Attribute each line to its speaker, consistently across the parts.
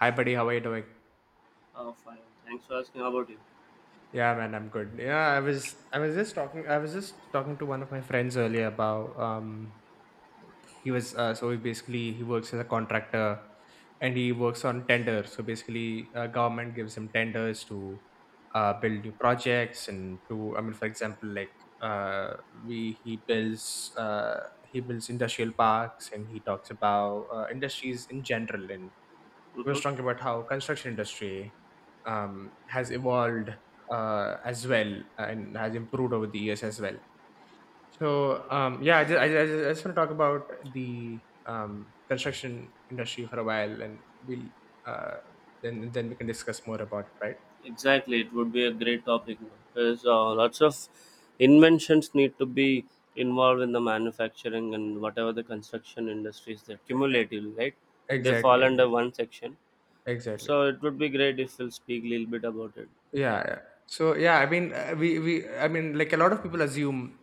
Speaker 1: Hi buddy, how are you doing?
Speaker 2: Oh, fine. Thanks for asking about it.
Speaker 1: Yeah, man, I'm good. Yeah, I was just talking I was just talking to one of my friends earlier about. He was so he basically he works as a contractor and he works on tenders. So basically government gives him tenders to build new projects and to, for example, like uh we he builds industrial parks, and he talks about industries in general. And he was
Speaker 2: hmm
Speaker 1: talking about how construction industry has evolved, as well, and has improved over the years as well. So yeah, I just want to talk about the construction industry for a while, and we'll uh, then we can discuss more about it, right?
Speaker 2: Exactly. It would be a great topic because lots of inventions need to be involved in the manufacturing and whatever the construction industries they're cumulative, right? They
Speaker 1: Exactly,
Speaker 2: fall
Speaker 1: exactly,
Speaker 2: under one section.
Speaker 1: exactly.
Speaker 2: So it would be great if we'll speak a little bit about it.
Speaker 1: Yeah,
Speaker 2: Yeah.
Speaker 1: yeah. So yeah, I mean, we I mean, like a lot of people assume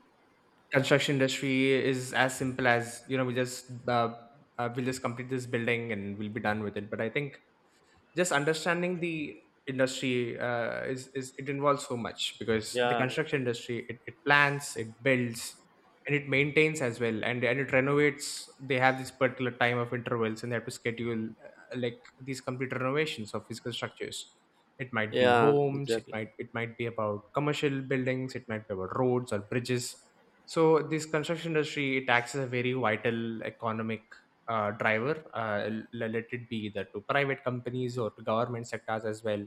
Speaker 1: construction industry is as simple as, you know, we just we'll just complete this building and we'll be done with it. But I think just understanding the industry is it involves so much, because the
Speaker 2: Yeah.
Speaker 1: construction industry, it plans, it builds, and it maintains as well, and it renovates. They have this particular time of intervals, and they have to schedule like these complete renovations of physical structures. It might be
Speaker 2: Yeah.
Speaker 1: homes, it
Speaker 2: Exactly.
Speaker 1: might it might be about commercial buildings, it might be about roads or bridges. So this construction industry, it acts as a very vital economic driver, let it be either to private companies or to government sectors as well,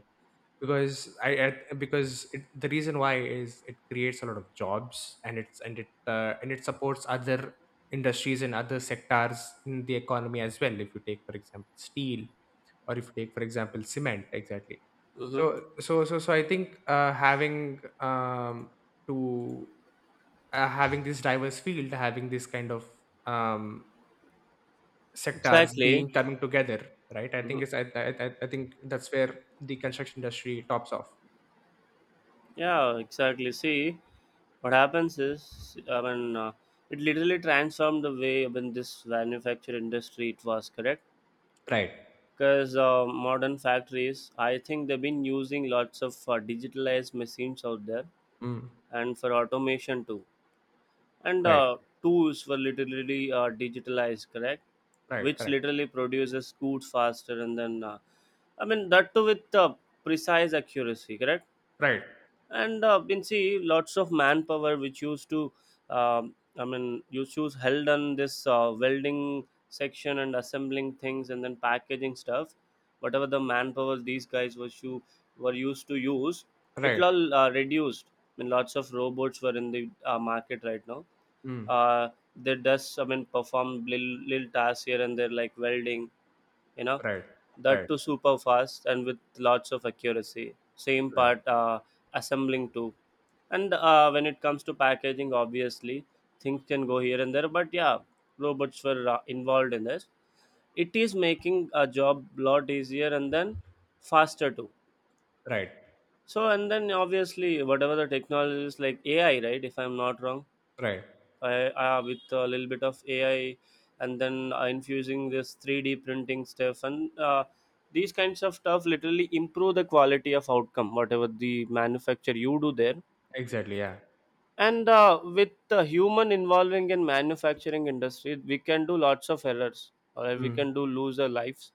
Speaker 1: because the reason why is it creates a lot of jobs, and it supports other industries and other sectors in the economy as well. If you take, for example, steel, or if you take, for example, cement. Exactly.
Speaker 2: Mm-hmm.
Speaker 1: So I think having to having this diverse field, having this kind of um sectors being
Speaker 2: Exactly.
Speaker 1: coming together, right, I think
Speaker 2: Mm-hmm.
Speaker 1: it's I think that's where the construction industry tops off.
Speaker 2: Yeah. Exactly. See, what happens is, i mean uh, it literally transformed the way. I mean, this manufacture industry it was correct
Speaker 1: Right.
Speaker 2: because modern factories, I think they've been using lots of digitalized machines out there,
Speaker 1: Mm.
Speaker 2: and for automation too, and
Speaker 1: Right.
Speaker 2: tools were literally digitalized, correct?
Speaker 1: Right.
Speaker 2: Which
Speaker 1: Correct.
Speaker 2: literally produces goods faster, and then I mean that too with precise accuracy, correct?
Speaker 1: Right.
Speaker 2: And been see lots of manpower which used to, I mean used to held on this welding section and assembling things and then packaging stuff, whatever the manpower these guys was to, were used to use, it
Speaker 1: Right.
Speaker 2: all reduced. I mean lots of robots were in the market right now.
Speaker 1: Mm.
Speaker 2: uh, they does, I mean, perform little, little tasks here and there like welding, you know,
Speaker 1: Right.
Speaker 2: that
Speaker 1: Right.
Speaker 2: too super fast and with lots of accuracy. Same
Speaker 1: Right.
Speaker 2: part, assembling too. And when it comes to packaging, obviously things can go here and there, but yeah, robots were involved in this. It is making a job lot easier and then faster too.
Speaker 1: Right.
Speaker 2: So and then obviously whatever the technologies like AI, right, if I'm not wrong.
Speaker 1: Right.
Speaker 2: With a little bit of AI, and then infusing this 3D printing stuff, and these kinds of stuff literally improve the quality of outcome, whatever the manufacture you do there.
Speaker 1: Exactly. Yeah.
Speaker 2: And with the human involving in manufacturing industry, we can do lots of errors, or we
Speaker 1: Mm.
Speaker 2: can do lose our lives.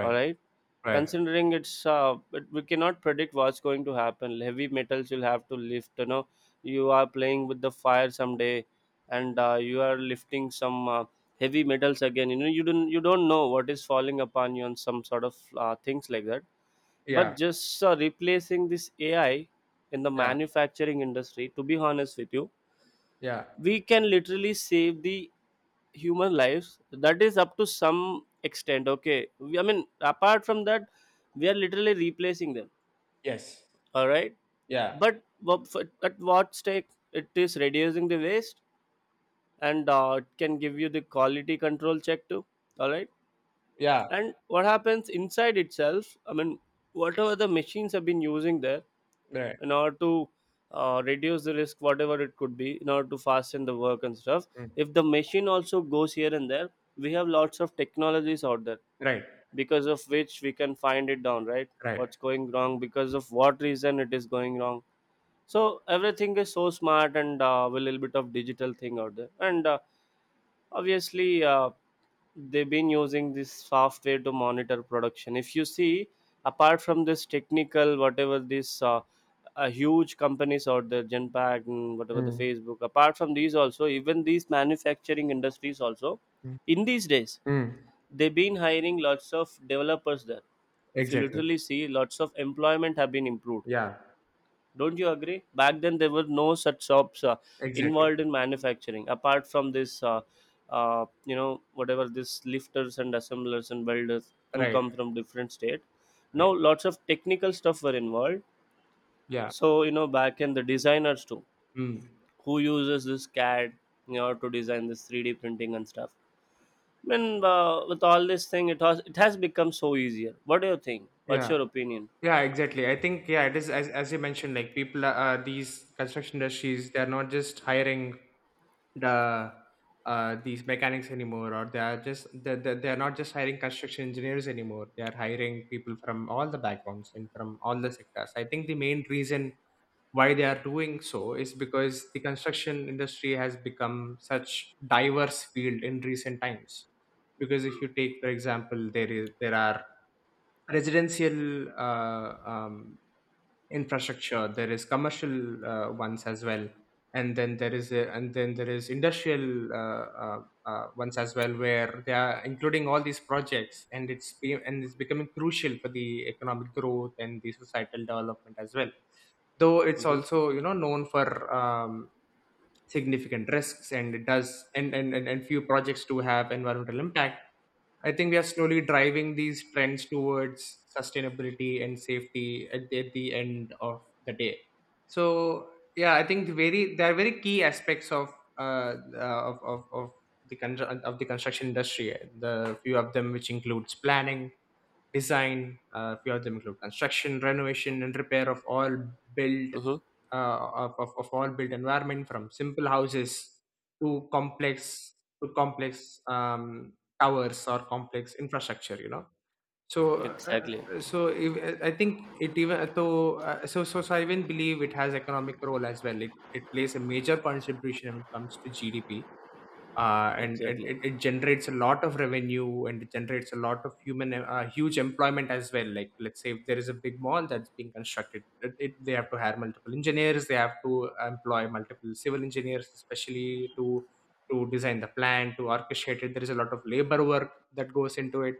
Speaker 2: All right,
Speaker 1: Right.
Speaker 2: considering we cannot predict what's going to happen. Heavy metals you'll have to lift, you know, you are playing with the fire someday, and you are lifting some heavy metals. Again, you know, you don't know what is falling upon you, and some sort of things like that. But
Speaker 1: Yeah.
Speaker 2: just replacing this AI in the
Speaker 1: Yeah.
Speaker 2: manufacturing industry, to be honest with you,
Speaker 1: Yeah.
Speaker 2: we can literally save the human lives, that is up to some extent. Okay, I mean apart from that, we are literally replacing them,
Speaker 1: Yes.
Speaker 2: all right?
Speaker 1: Yeah.
Speaker 2: But what- for- at what stake, it is reducing the waste, and it can give you the quality control check too, all right?
Speaker 1: Yeah.
Speaker 2: And what happens inside itself, I mean, whatever the machines have been using there
Speaker 1: Right.
Speaker 2: in order to reduce the risk, whatever it could be, in order to fasten the work and stuff.
Speaker 1: Mm.
Speaker 2: If the machine also goes here and there, we have lots of technologies out there
Speaker 1: Right.
Speaker 2: because of which we can find it down, right?
Speaker 1: Right.
Speaker 2: What's going wrong, because of what reason it is going wrong. So everything is so smart and a little bit of digital thing out there. And obviously they've been using this software to monitor production if you see, apart from this technical, whatever this huge companies or the Genpact and whatever the
Speaker 1: Mm.
Speaker 2: Facebook, apart from these, also even these manufacturing industries also
Speaker 1: Mm.
Speaker 2: in these days
Speaker 1: Mm.
Speaker 2: they've been hiring lots of developers there. If you
Speaker 1: Exactly.
Speaker 2: literally see, lots of employment have been improved.
Speaker 1: Yeah.
Speaker 2: Don't you agree? Back then, there were no such shops
Speaker 1: Exactly.
Speaker 2: involved in manufacturing, apart from this, you know, whatever this lifters and assemblers and welders who
Speaker 1: Right.
Speaker 2: come from different state. Now,
Speaker 1: Right.
Speaker 2: lots of technical stuff were involved.
Speaker 1: Yeah.
Speaker 2: So, you know, back in the designers too,
Speaker 1: Mm.
Speaker 2: who uses this CAD, you know, to design this 3D printing and stuff. I mean, with all this thing, it has become so easier. What do you think? What's
Speaker 1: Yeah.
Speaker 2: your opinion?
Speaker 1: Yeah, exactly. I think, yeah, it is, as you mentioned, like, people are, these construction industries, they are not just hiring the these mechanics anymore, or they are just they are not just hiring construction engineers anymore. They are hiring people from all the backgrounds and from all the sectors. I think the main reason why they are doing so is because the construction industry has become such diverse field in recent times. Because if you take, for example, there is there are residential infrastructure, there is commercial ones as well, and then there is industrial ones as well, where they are including all these projects, and it's becoming crucial for the economic growth and the societal development as well, though it's
Speaker 2: Mm-hmm.
Speaker 1: also, you know, known for significant risks, and it does, and few projects do have environmental impact. I think we are slowly driving these trends towards sustainability and safety at at the end of the day. So yeah, I think the very there are very key aspects of uh, uh of, of, of of the construction industry. The few of them which includes planning, design, few of them include construction, renovation, and repair of all built
Speaker 2: Mm-hmm.
Speaker 1: of all built environment, from simple houses to complex to complex um, towers or complex infrastructure. You know, so
Speaker 2: Exactly.
Speaker 1: so if, I think it, even though I even believe it has economic role as well. It plays a major contribution when it comes to GDP, and it,
Speaker 2: Exactly.
Speaker 1: it, it generates a lot of revenue, and it generates a lot of human huge employment as well. Like, let's say if there is a big mall that's being constructed, they have to hire multiple engineers, they have to employ multiple civil engineers, especially to design the plan, to orchestrate it. There is a lot of labor work that goes into it.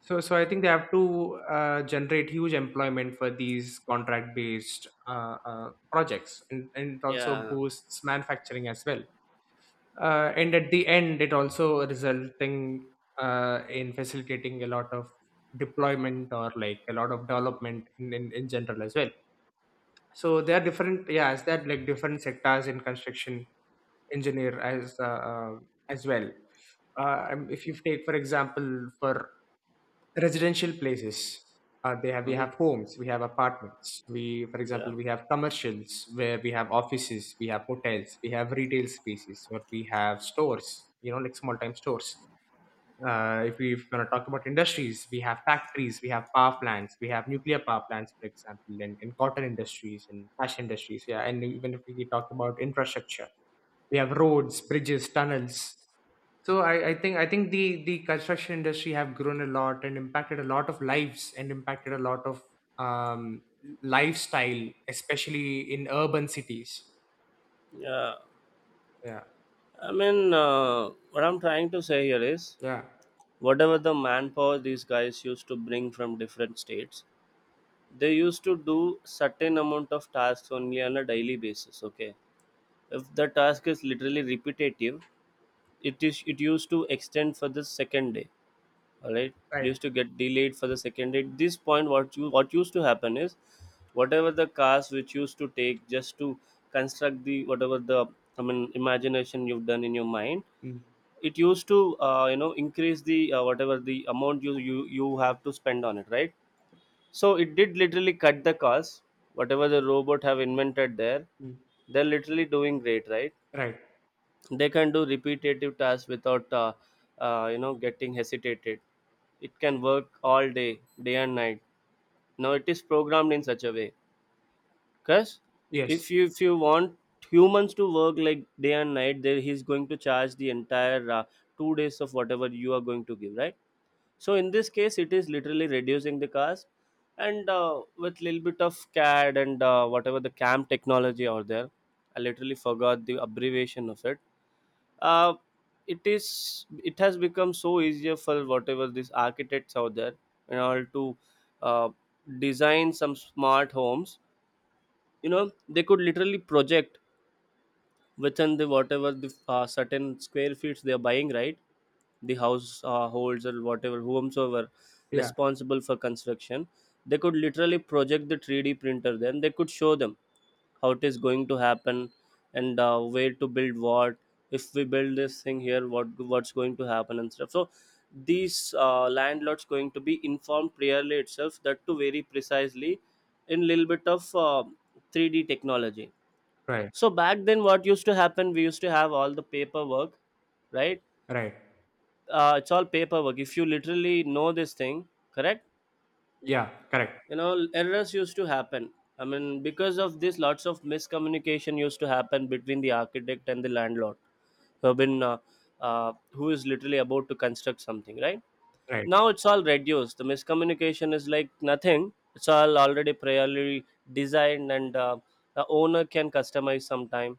Speaker 1: So I think they have to generate huge employment for these contract based projects, and it also
Speaker 2: Yeah.
Speaker 1: boosts manufacturing as well, and at the end it also resulting in facilitating a lot of deployment, or like a lot of development in general as well. So there are different, yeah, is that like different sectors in construction engineer as well. If you take, for example, for residential places. They have, we
Speaker 2: hmm
Speaker 1: have homes, we have apartments. We, for
Speaker 2: Yeah,
Speaker 1: example, we have commercials, where we have offices, we have hotels, we have retail spaces, or we have stores. You know, like small time stores. If we want to talk about industries, we have factories, we have power plants, we have nuclear power plants, for example, in cotton industries and fashion industries. Yeah, and even if we talk about infrastructure, we have roads, bridges, tunnels. So I think the construction industry have grown a lot and impacted a lot of lives and impacted a lot of um, lifestyle, especially in urban cities.
Speaker 2: yeah.
Speaker 1: Yeah,
Speaker 2: I mean, what I'm trying to say here is,
Speaker 1: yeah,
Speaker 2: whatever the manpower these guys used to bring from different states, they used to do certain amount of tasks only on a daily basis. Okay, if the task is literally repetitive, it used to extend for the second day, all right?
Speaker 1: right,
Speaker 2: Leaves to get delayed for the second day. At this point, what you, what used to happen is, whatever the cars which used to take just to construct the whatever the, I mean, imagination you've done in your mind,
Speaker 1: mm,
Speaker 2: it used to you know, increase the whatever the amount you have to spend on it, right? So it did literally cut the cost. Whatever the robot have invented there,
Speaker 1: mm,
Speaker 2: they're literally doing great, right?
Speaker 1: right.
Speaker 2: They can do repetitive tasks without you know, getting hesitated. It can work all day, day and night. Now it is programmed in such a way, because
Speaker 1: Yes,
Speaker 2: if you want humans to work like day and night, then he's going to charge the entire two days of whatever you are going to give, right? So in this case it is literally reducing the cost. And with little bit of CAD and whatever the CAM technology out there, I literally forgot the abbreviation of it. uh, it is, it has become so easier for whatever these architects out there, in order to uh, design some smart homes. You know, they could literally project within the whatever the certain square feet they are buying, right? The house holds or whatever whomsoever
Speaker 1: yeah,
Speaker 2: responsible for construction, they could literally project the 3D printer, then they could show them how it is going to happen, and where to build what. If we build this thing here, what, what's going to happen and stuff. So these landlords going to be informed clearly itself, that too very precisely, in little bit of 3D technology.
Speaker 1: right,
Speaker 2: So back then what used to happen, we used to have all the paperwork, right?
Speaker 1: right.
Speaker 2: It's all paperwork if you literally know this thing, correct?
Speaker 1: Yeah, correct.
Speaker 2: You know, errors used to happen. I mean, because of this, lots of miscommunication used to happen between the architect and the landlord, who have been who is literally about to construct something, right?
Speaker 1: Right,
Speaker 2: Now it's all reduced, the miscommunication is like nothing. It's all already priorly designed, and the owner can customize sometime,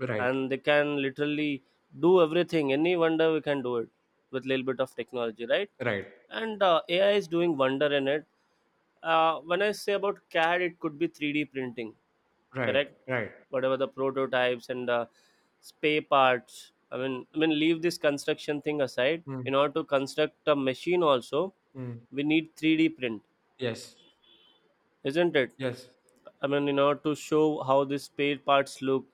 Speaker 1: right,
Speaker 2: and they can literally do everything. Any wonder we can do it with little bit of technology, right?
Speaker 1: right,
Speaker 2: And AI is doing wonder in it. When I say about CAD, it could be 3D printing,
Speaker 1: right,
Speaker 2: correct?
Speaker 1: right.
Speaker 2: Whatever the prototypes and the spare parts. I mean, leave this construction thing aside.
Speaker 1: Mm,
Speaker 2: In order to construct a machine, also
Speaker 1: mm.
Speaker 2: we need 3D print,
Speaker 1: Yes,
Speaker 2: isn't it?
Speaker 1: yes,
Speaker 2: I mean, in order to show how the spare parts look,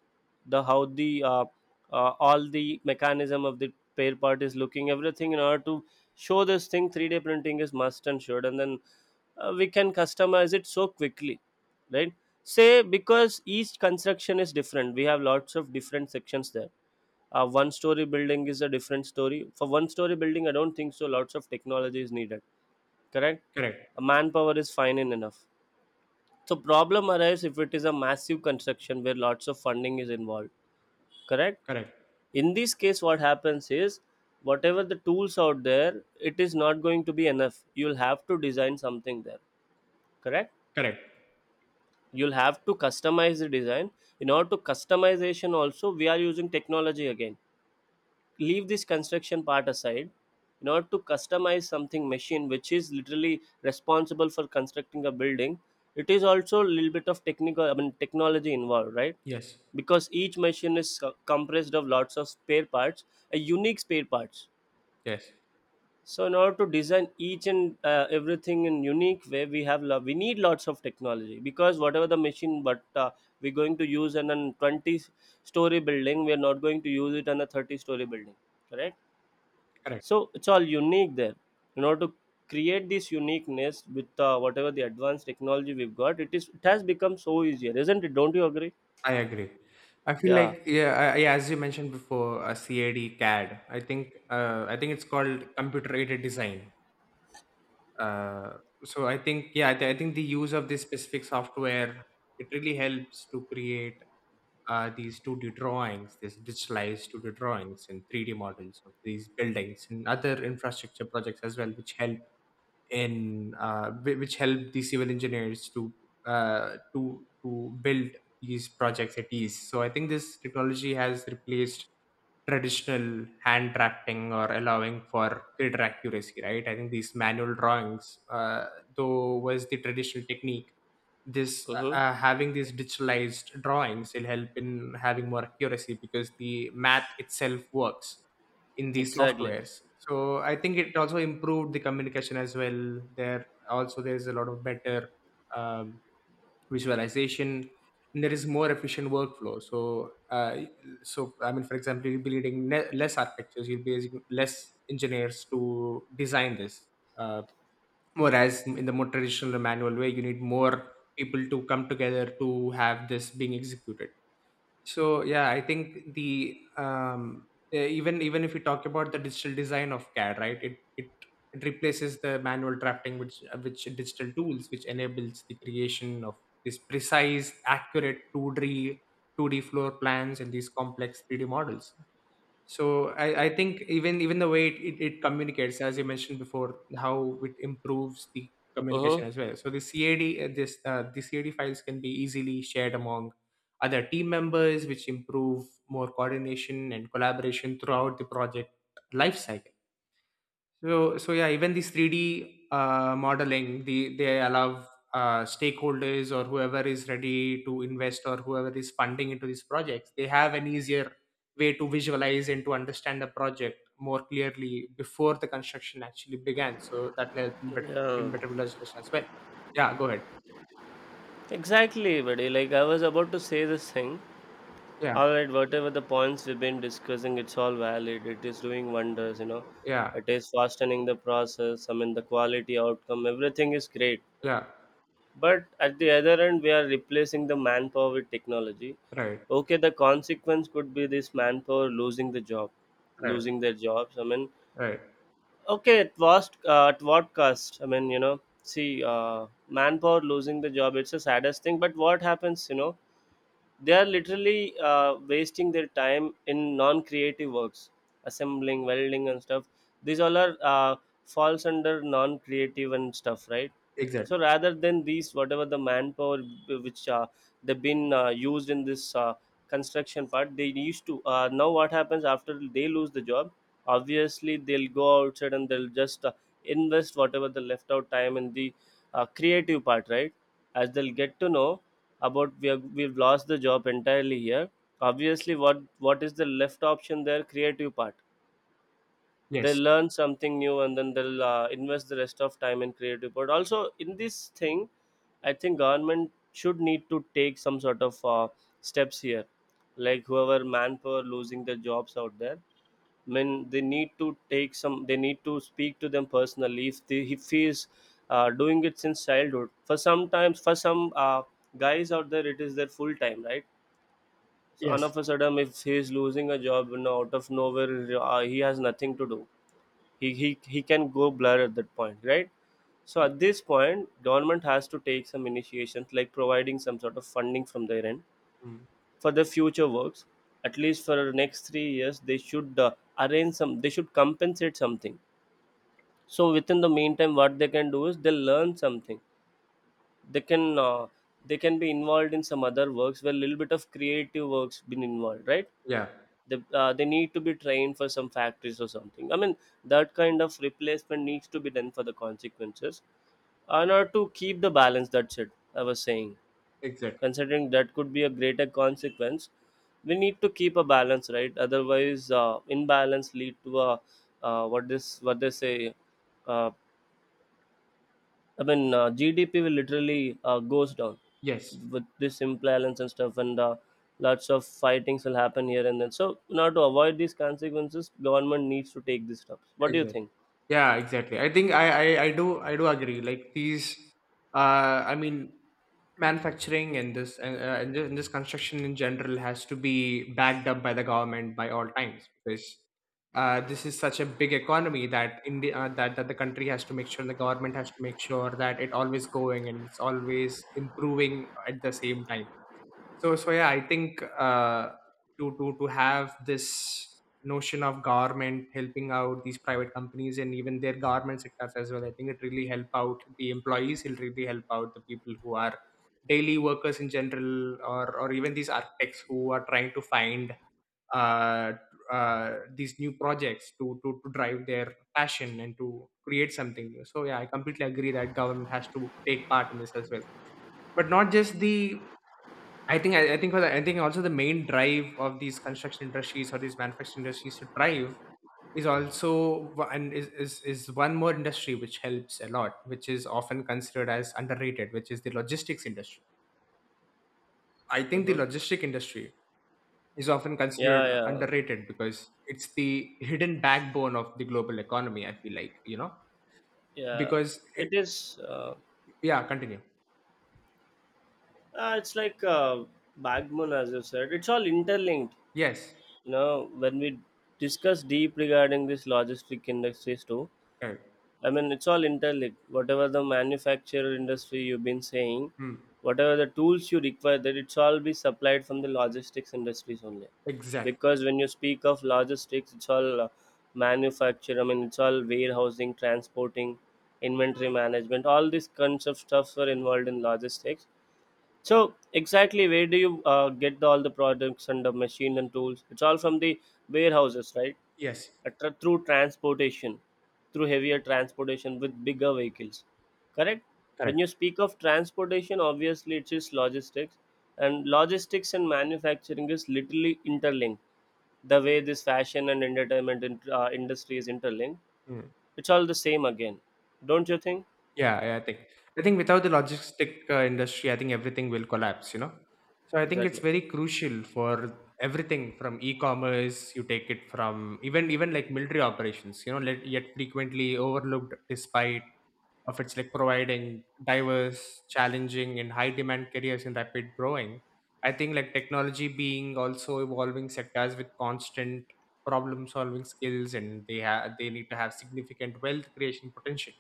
Speaker 2: the how the all the mechanism of the spare part is looking, everything in order to show this thing, 3D printing is must and should, and then we can customize it so quickly, right? Say because each construction is different, we have lots of different sections there. One story building is a different story. For one story building, I don't think so. Lots of technology is needed, correct?
Speaker 1: correct,
Speaker 2: A manpower is fine and enough. So problem arises if it is a massive construction where lots of funding is involved. Correct?
Speaker 1: correct,
Speaker 2: In this case, what happens is whatever the tools out there, it is not going to be enough. You'll have to design something there. Correct?
Speaker 1: correct.
Speaker 2: You'll have to customize the design. In order to customization also, we are using technology again. Leave this construction part aside, in order to customize something machine which is literally responsible for constructing a building, it is also a little bit of technical, I mean technology involved, right?
Speaker 1: Yes,
Speaker 2: Because each machine is co- compressed of lots of spare parts, a unique spare parts.
Speaker 1: yes,
Speaker 2: So in order to design each and everything in unique way, we need lots of technology, because whatever the machine, but we're going to use in a 20-story building, we are not going to use it in a 30-story building, correct?
Speaker 1: correct.
Speaker 2: So it's all unique there. In order to create this uniqueness, with whatever the advanced technology we've got, it has become so easier, isn't it? Don't you agree?
Speaker 1: I agree. I feel
Speaker 2: Yeah.
Speaker 1: like, yeah, as you mentioned before, CAD. I think it's called computer aided design. Uh, so I think, yeah, I think the use of this specific software, it really helps to create these two D drawings, these digitalized two D drawings and three D models of these buildings and other infrastructure projects as well, which help in which help the civil engineers to to build these projects at ease. So I think this technology has replaced traditional hand drafting or allowing for greater accuracy. Right? I think these manual drawings, though, was the traditional technique. This
Speaker 2: Uh-huh.
Speaker 1: Having these digitalized drawings will help in having more accuracy, because the math itself works in these
Speaker 2: Exactly.
Speaker 1: softwares. So I think it also improved the communication as well. There also there's a lot of better um, visualization, and there is more efficient workflow. So so I mean, for example, you'll be needing less architectures, you'll be using less engineers to design this. Uh, Whereas in the more traditional manual way, you need more people to come together to have this being executed. So yeah, I think the even if we talk about the digital design of CAD, right, it replaces the manual drafting, which digital tools, which enables the creation of this precise accurate 2D floor plans and these complex 3D models. So I think even even the way it communicates, as you mentioned before, how it improves the communication
Speaker 2: Uh-huh.
Speaker 1: as well. So the CAD this the CAD files can be easily shared among other team members, which improve more coordination and collaboration throughout the project lifecycle. So, so yeah, even this 3D modeling, they allow stakeholders, or whoever is ready to invest, or whoever is funding into these projects, they have an easier way to visualize and to understand the project more clearly before the construction actually began. So that led in
Speaker 2: Yeah,
Speaker 1: better visualization as well. Yeah, go ahead.
Speaker 2: exactly, buddy. Like I was about to say this thing.
Speaker 1: Yeah,
Speaker 2: All right, whatever the points we've been discussing, it's all valid. It is doing wonders, you know.
Speaker 1: yeah,
Speaker 2: It is fastening the process. I mean, the quality outcome, everything is great.
Speaker 1: yeah.
Speaker 2: But at the other end, we are replacing the manpower with technology.
Speaker 1: Right,
Speaker 2: Okay, the consequence could be this manpower losing the job,
Speaker 1: right,
Speaker 2: losing their jobs. I mean,
Speaker 1: right.
Speaker 2: okay, at what cost? I mean, see, manpower losing the job. It's the saddest thing. But what happens? They are literally wasting their time in non-creative works, assembling, welding and stuff. These all are falls under non-creative and stuff, right?
Speaker 1: Exactly.
Speaker 2: So rather than these, whatever the manpower which they've been used in this construction part they used to now what happens after they lose the job? Obviously they'll go outside and they'll just invest whatever the left out time in the creative part, right? As they'll get to know about, we've lost the job entirely here, obviously what is the left option there? Creative part. They
Speaker 1: Yes.
Speaker 2: learn something new and then they'll invest the rest of time in creative part also in this thing. I think government should need to take some sort of steps here, like whoever manpower losing their jobs out there, when they need to take some, they need to speak to them personally. If they, if he is doing it since childhood for sometimes, for some guys out there it is their full time, right? So all
Speaker 1: Yes.
Speaker 2: of a sudden if he is losing a job, you know, out of nowhere, he has nothing to do. He can go blur at that point, right? So
Speaker 1: Y-,
Speaker 2: at this point government has to take some initiations like providing some sort of funding from their end
Speaker 1: mm,
Speaker 2: for the future works. At least for the next 3 years they should arrange some, they should compensate something, so within the meantime what they can do is they'll learn something. They can they can be involved in some other works where a little bit of creative works been involved, right?
Speaker 1: yeah.
Speaker 2: They need to be trained for some factories or something. I mean, that kind of replacement needs to be done for the consequences, in order to keep the balance. That's it I was saying.
Speaker 1: Exactly.
Speaker 2: Considering that could be a greater consequence, we need to keep a balance, right? Otherwise imbalance lead to a what this what they say uh, I mean, GDP will literally goes down
Speaker 1: Yes.
Speaker 2: with this imbalance and stuff, and lots of fightings will happen here and then. So now to avoid these consequences government needs to take these steps. What do you
Speaker 1: Exactly.
Speaker 2: think?
Speaker 1: Yeah, exactly. I think I do agree. Uh, I mean, manufacturing and this construction in general has to be backed up by the government by all times because this is such a big economy that India, that the country has to make sure the government has to make sure that it always going and it's always improving at the same time. So yeah, I think to have this notion of government helping out these private companies and even their government sectors as well. I think it really help out the employees, it'll really help out the people who are daily workers in general, or even these architects who are trying to find uh, these new projects to drive their passion and to create something new. So yeah, I completely agree that government has to take part in this as well, but not just the. I think also the main drive of these construction industries or these manufacturing industries to thrive is also and is one more industry which helps a lot, which is often considered as underrated, which is the logistics industry. I think the
Speaker 2: Hmm.
Speaker 1: logistic industry is often
Speaker 2: Yeah,
Speaker 1: considered
Speaker 2: yeah.
Speaker 1: underrated because it's the hidden backbone of the global economy. I feel like, you know,
Speaker 2: Yeah,
Speaker 1: because it,
Speaker 2: it is. uh,
Speaker 1: yeah, continue.
Speaker 2: it's like backbone, as you said, it's all interlinked.
Speaker 1: Yes,
Speaker 2: Now, when we discuss deep regarding this logistic industries too,
Speaker 1: correct.
Speaker 2: I mean it's all interlinked. Whatever the manufacturer industry you've been saying,
Speaker 1: Mm,
Speaker 2: whatever the tools you require, that it's all be supplied from the logistics industries only.
Speaker 1: exactly.
Speaker 2: Because when you speak of logistics, it's all manufacture. I mean, it's all warehousing, transporting, inventory management. All these kinds of stuffs are involved in logistics. So exactly, where do you get the all the products and the machine and tools? It's all from the warehouses, right?
Speaker 1: Yes,
Speaker 2: Through transportation, through heavier transportation with bigger vehicles, correct? When you
Speaker 1: correct.
Speaker 2: speak of transportation, obviously it is logistics, and logistics and manufacturing is literally interlinked. The way this fashion and entertainment industry is interlinked,
Speaker 1: Hmm.
Speaker 2: it's all the same again, don't you think?
Speaker 1: Yeah, I think I think without the logistic industry, I think everything will collapse, you know. So I think it's
Speaker 2: Exactly.
Speaker 1: very crucial for everything from e-commerce, you take it from even like military operations, you know, let, yet frequently overlooked despite of its like providing diverse, challenging and high demand careers in rapid growing. I think like technology being also evolving sectors with constant problem solving skills, and they need to have significant wealth creation potential.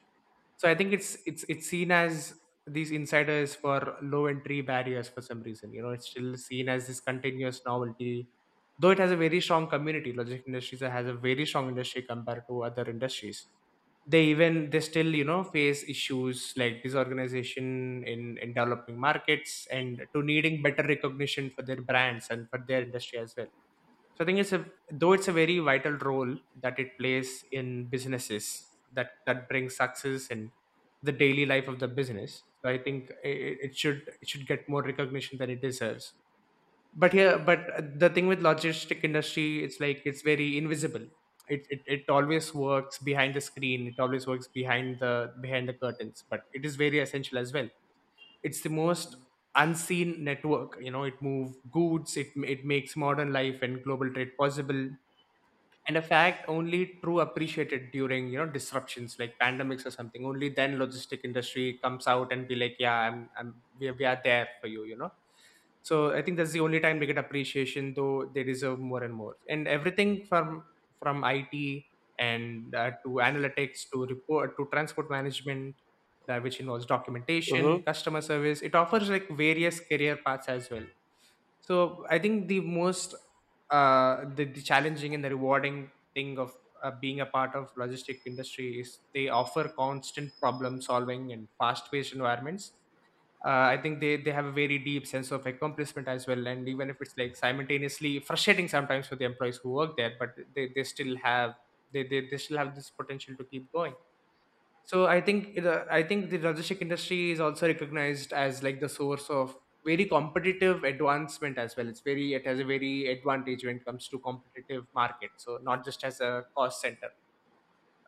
Speaker 1: So I think it's seen as these insiders for low entry barriers for some reason. You know, it's still seen as this continuous novelty, though it has a very strong community. Logic Industries has a very strong industry compared to other industries. They even they still, you know, face issues like disorganization in developing markets and to needing better recognition for their brands and for their industry as well. So I think it's a, though it's a very vital role that it plays in businesses that brings success in the daily life of the business. So I think it should get more recognition than it deserves. But here, but the thing with logistic industry, it's like it's very invisible. It always works behind the screen. It always works behind the curtains. But it is very essential as well. It's the most unseen network. You know, it moves goods. It makes modern life and global trade possible, and a fact only true appreciated during, you know, disruptions like pandemics or something. Only then logistic industry comes out and be like, yeah, I'm, we are there for you, you know. So I think that's the only time they get appreciation, though they deserve more and more and everything from it. And to analytics to report to transport management, that which involves documentation
Speaker 2: Mm-hmm.
Speaker 1: customer service, it offers like various career paths as well. So I think the most the challenging and the rewarding thing of being a part of logistic industry is they offer constant problem solving and fast paced environments. I think they have a very deep sense of accomplishment as well. And even if it's like simultaneously frustrating sometimes for the employees who work there, but they, they still have they still have this potential to keep going. So I think I think the logistic industry is also recognized as like the source of very competitive advancement as well. It has a very advantage when it comes to competitive market. So not just as a cost center.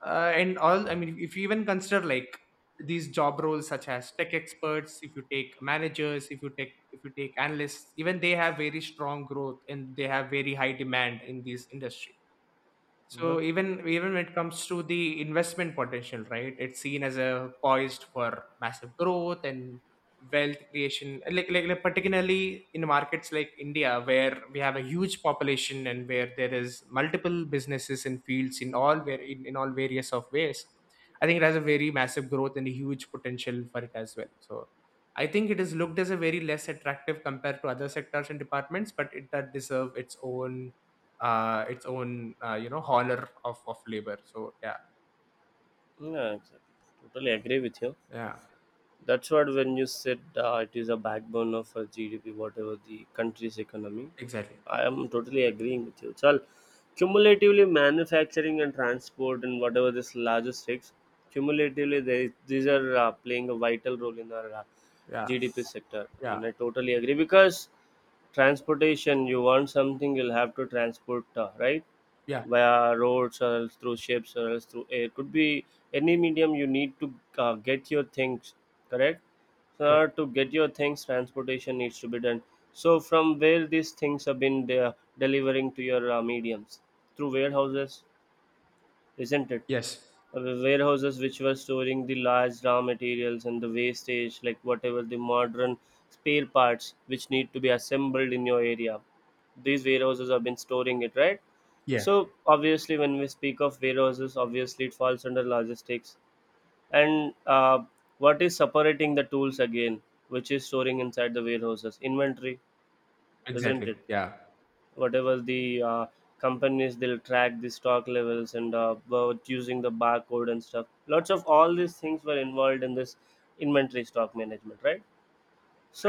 Speaker 1: And all, I mean, if you even consider like these job roles such as tech experts, if you take managers, if you take analysts, even they have very strong growth and they have very high demand in this industry.
Speaker 2: Uh-huh.
Speaker 1: So even when it comes to the investment potential, right? It's seen as a poised for massive growth and wealth creation. Like particularly in markets like India, where we have a huge population and where there is multiple businesses and fields in all, where in all various of ways. I think it has a very massive growth and a huge potential for it as well. So I think it is looked as a very less attractive compared to other sectors and departments, but it does deserve its own you know, honor of labor. So yeah,
Speaker 2: Yeah, exactly. Totally agree with you.
Speaker 1: yeah,
Speaker 2: That's what, when you said it is a backbone of a GDP, whatever the country's economy.
Speaker 1: exactly.
Speaker 2: I am totally agreeing with you. So, cumulatively, manufacturing and transport and whatever this logistics, cumulatively, these are playing a vital role in our
Speaker 1: Yeah,
Speaker 2: GDP sector. I
Speaker 1: yeah,
Speaker 2: mean, I totally agree because transportation, you want something, you'll have to transport, right?
Speaker 1: yeah.
Speaker 2: Via roads or else through ships or else through air, could be any medium. You need to get your things, correct? So in
Speaker 1: Correct.
Speaker 2: order to get your things, transportation needs to be done. So from where these things have been delivering to your mediums? Through warehouses, isn't it?
Speaker 1: Yes.
Speaker 2: Warehouses, which were storing the large raw materials and the wastage like whatever the modern spare parts which need to be assembled in your area, these warehouses have been storing it, right?
Speaker 1: Yeah.
Speaker 2: So obviously when we speak of warehouses, obviously it falls under logistics. And What is separating the tools again, which is storing inside the warehouses? Inventory, isn't
Speaker 1: Exactly.
Speaker 2: it?
Speaker 1: Yeah.
Speaker 2: Whatever the companies, they'll track the stock levels and about using the barcode and stuff, lots of all these things were involved in this inventory stock management, right?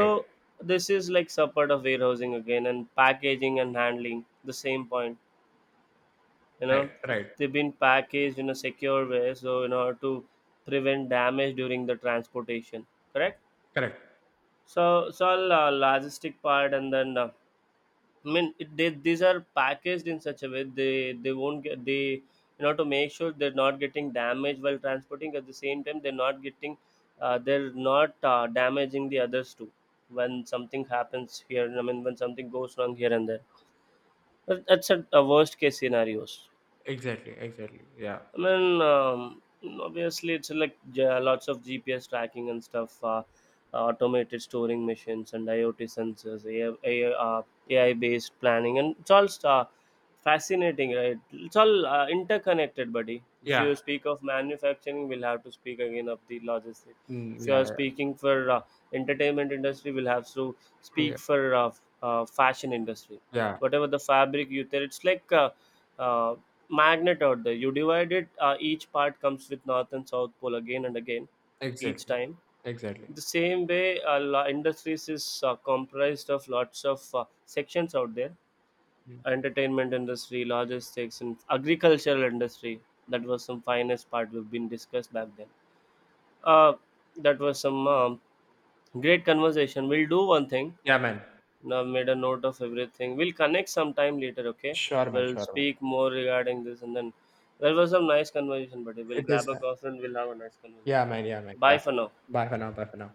Speaker 1: Right.
Speaker 2: this is like support of warehousing again, and packaging and handling the same point, you
Speaker 1: Right.
Speaker 2: know.
Speaker 1: Right.
Speaker 2: They've been packaged in a secure way, so in order to prevent damage during the transportation, correct?
Speaker 1: Correct.
Speaker 2: So it's all logistic part, and then I mean, it, they, these are packaged in such a way they won't get they, in order to make sure they're not getting damaged while transporting. At the same time, they're not getting they're not damaging the others too when something happens here. I mean, when something goes wrong here and there. But that's a worst case scenarios.
Speaker 1: Exactly. Exactly. Yeah.
Speaker 2: I mean, obviously, it's like lots of GPS tracking and stuff, automated storing machines and IoT sensors, AI, AI based planning, and it's all sta fascinating, right? It's all interconnected, buddy. If you
Speaker 1: Yeah.
Speaker 2: speak of manufacturing, we'll have to speak again of the logistics.
Speaker 1: Mm,
Speaker 2: If you
Speaker 1: yeah.
Speaker 2: are
Speaker 1: Yeah.
Speaker 2: speaking for entertainment industry, we'll have to
Speaker 1: Yeah.
Speaker 2: speak for fashion industry.
Speaker 1: Yeah.
Speaker 2: Whatever the fabric you tell, it's like uh, magnet out there. You divide it, each part comes with north and south pole again and again, each
Speaker 1: Exactly.
Speaker 2: time.
Speaker 1: Exactly.
Speaker 2: The same way, industries is comprised of lots of sections out there.
Speaker 1: Mm.
Speaker 2: Entertainment industry, logistics, and agricultural industry. That was some finest part we've been discussed back then. Uh, that was some great conversation. We'll do one thing.
Speaker 1: Yeah, man.
Speaker 2: Now I've made a note of everything. We'll connect sometime later, okay?
Speaker 1: Sure, man.
Speaker 2: We'll
Speaker 1: Sure, man.
Speaker 2: speak more regarding this, and then there was some nice conversation, buddy. We'll
Speaker 1: It
Speaker 2: grab
Speaker 1: is,
Speaker 2: a
Speaker 1: man.
Speaker 2: coffee and we'll have a nice
Speaker 1: Yeah,
Speaker 2: conversation
Speaker 1: man.
Speaker 2: again.
Speaker 1: Yeah, man. Yeah.
Speaker 2: Bye for now.
Speaker 1: Bye for now. Bye for now.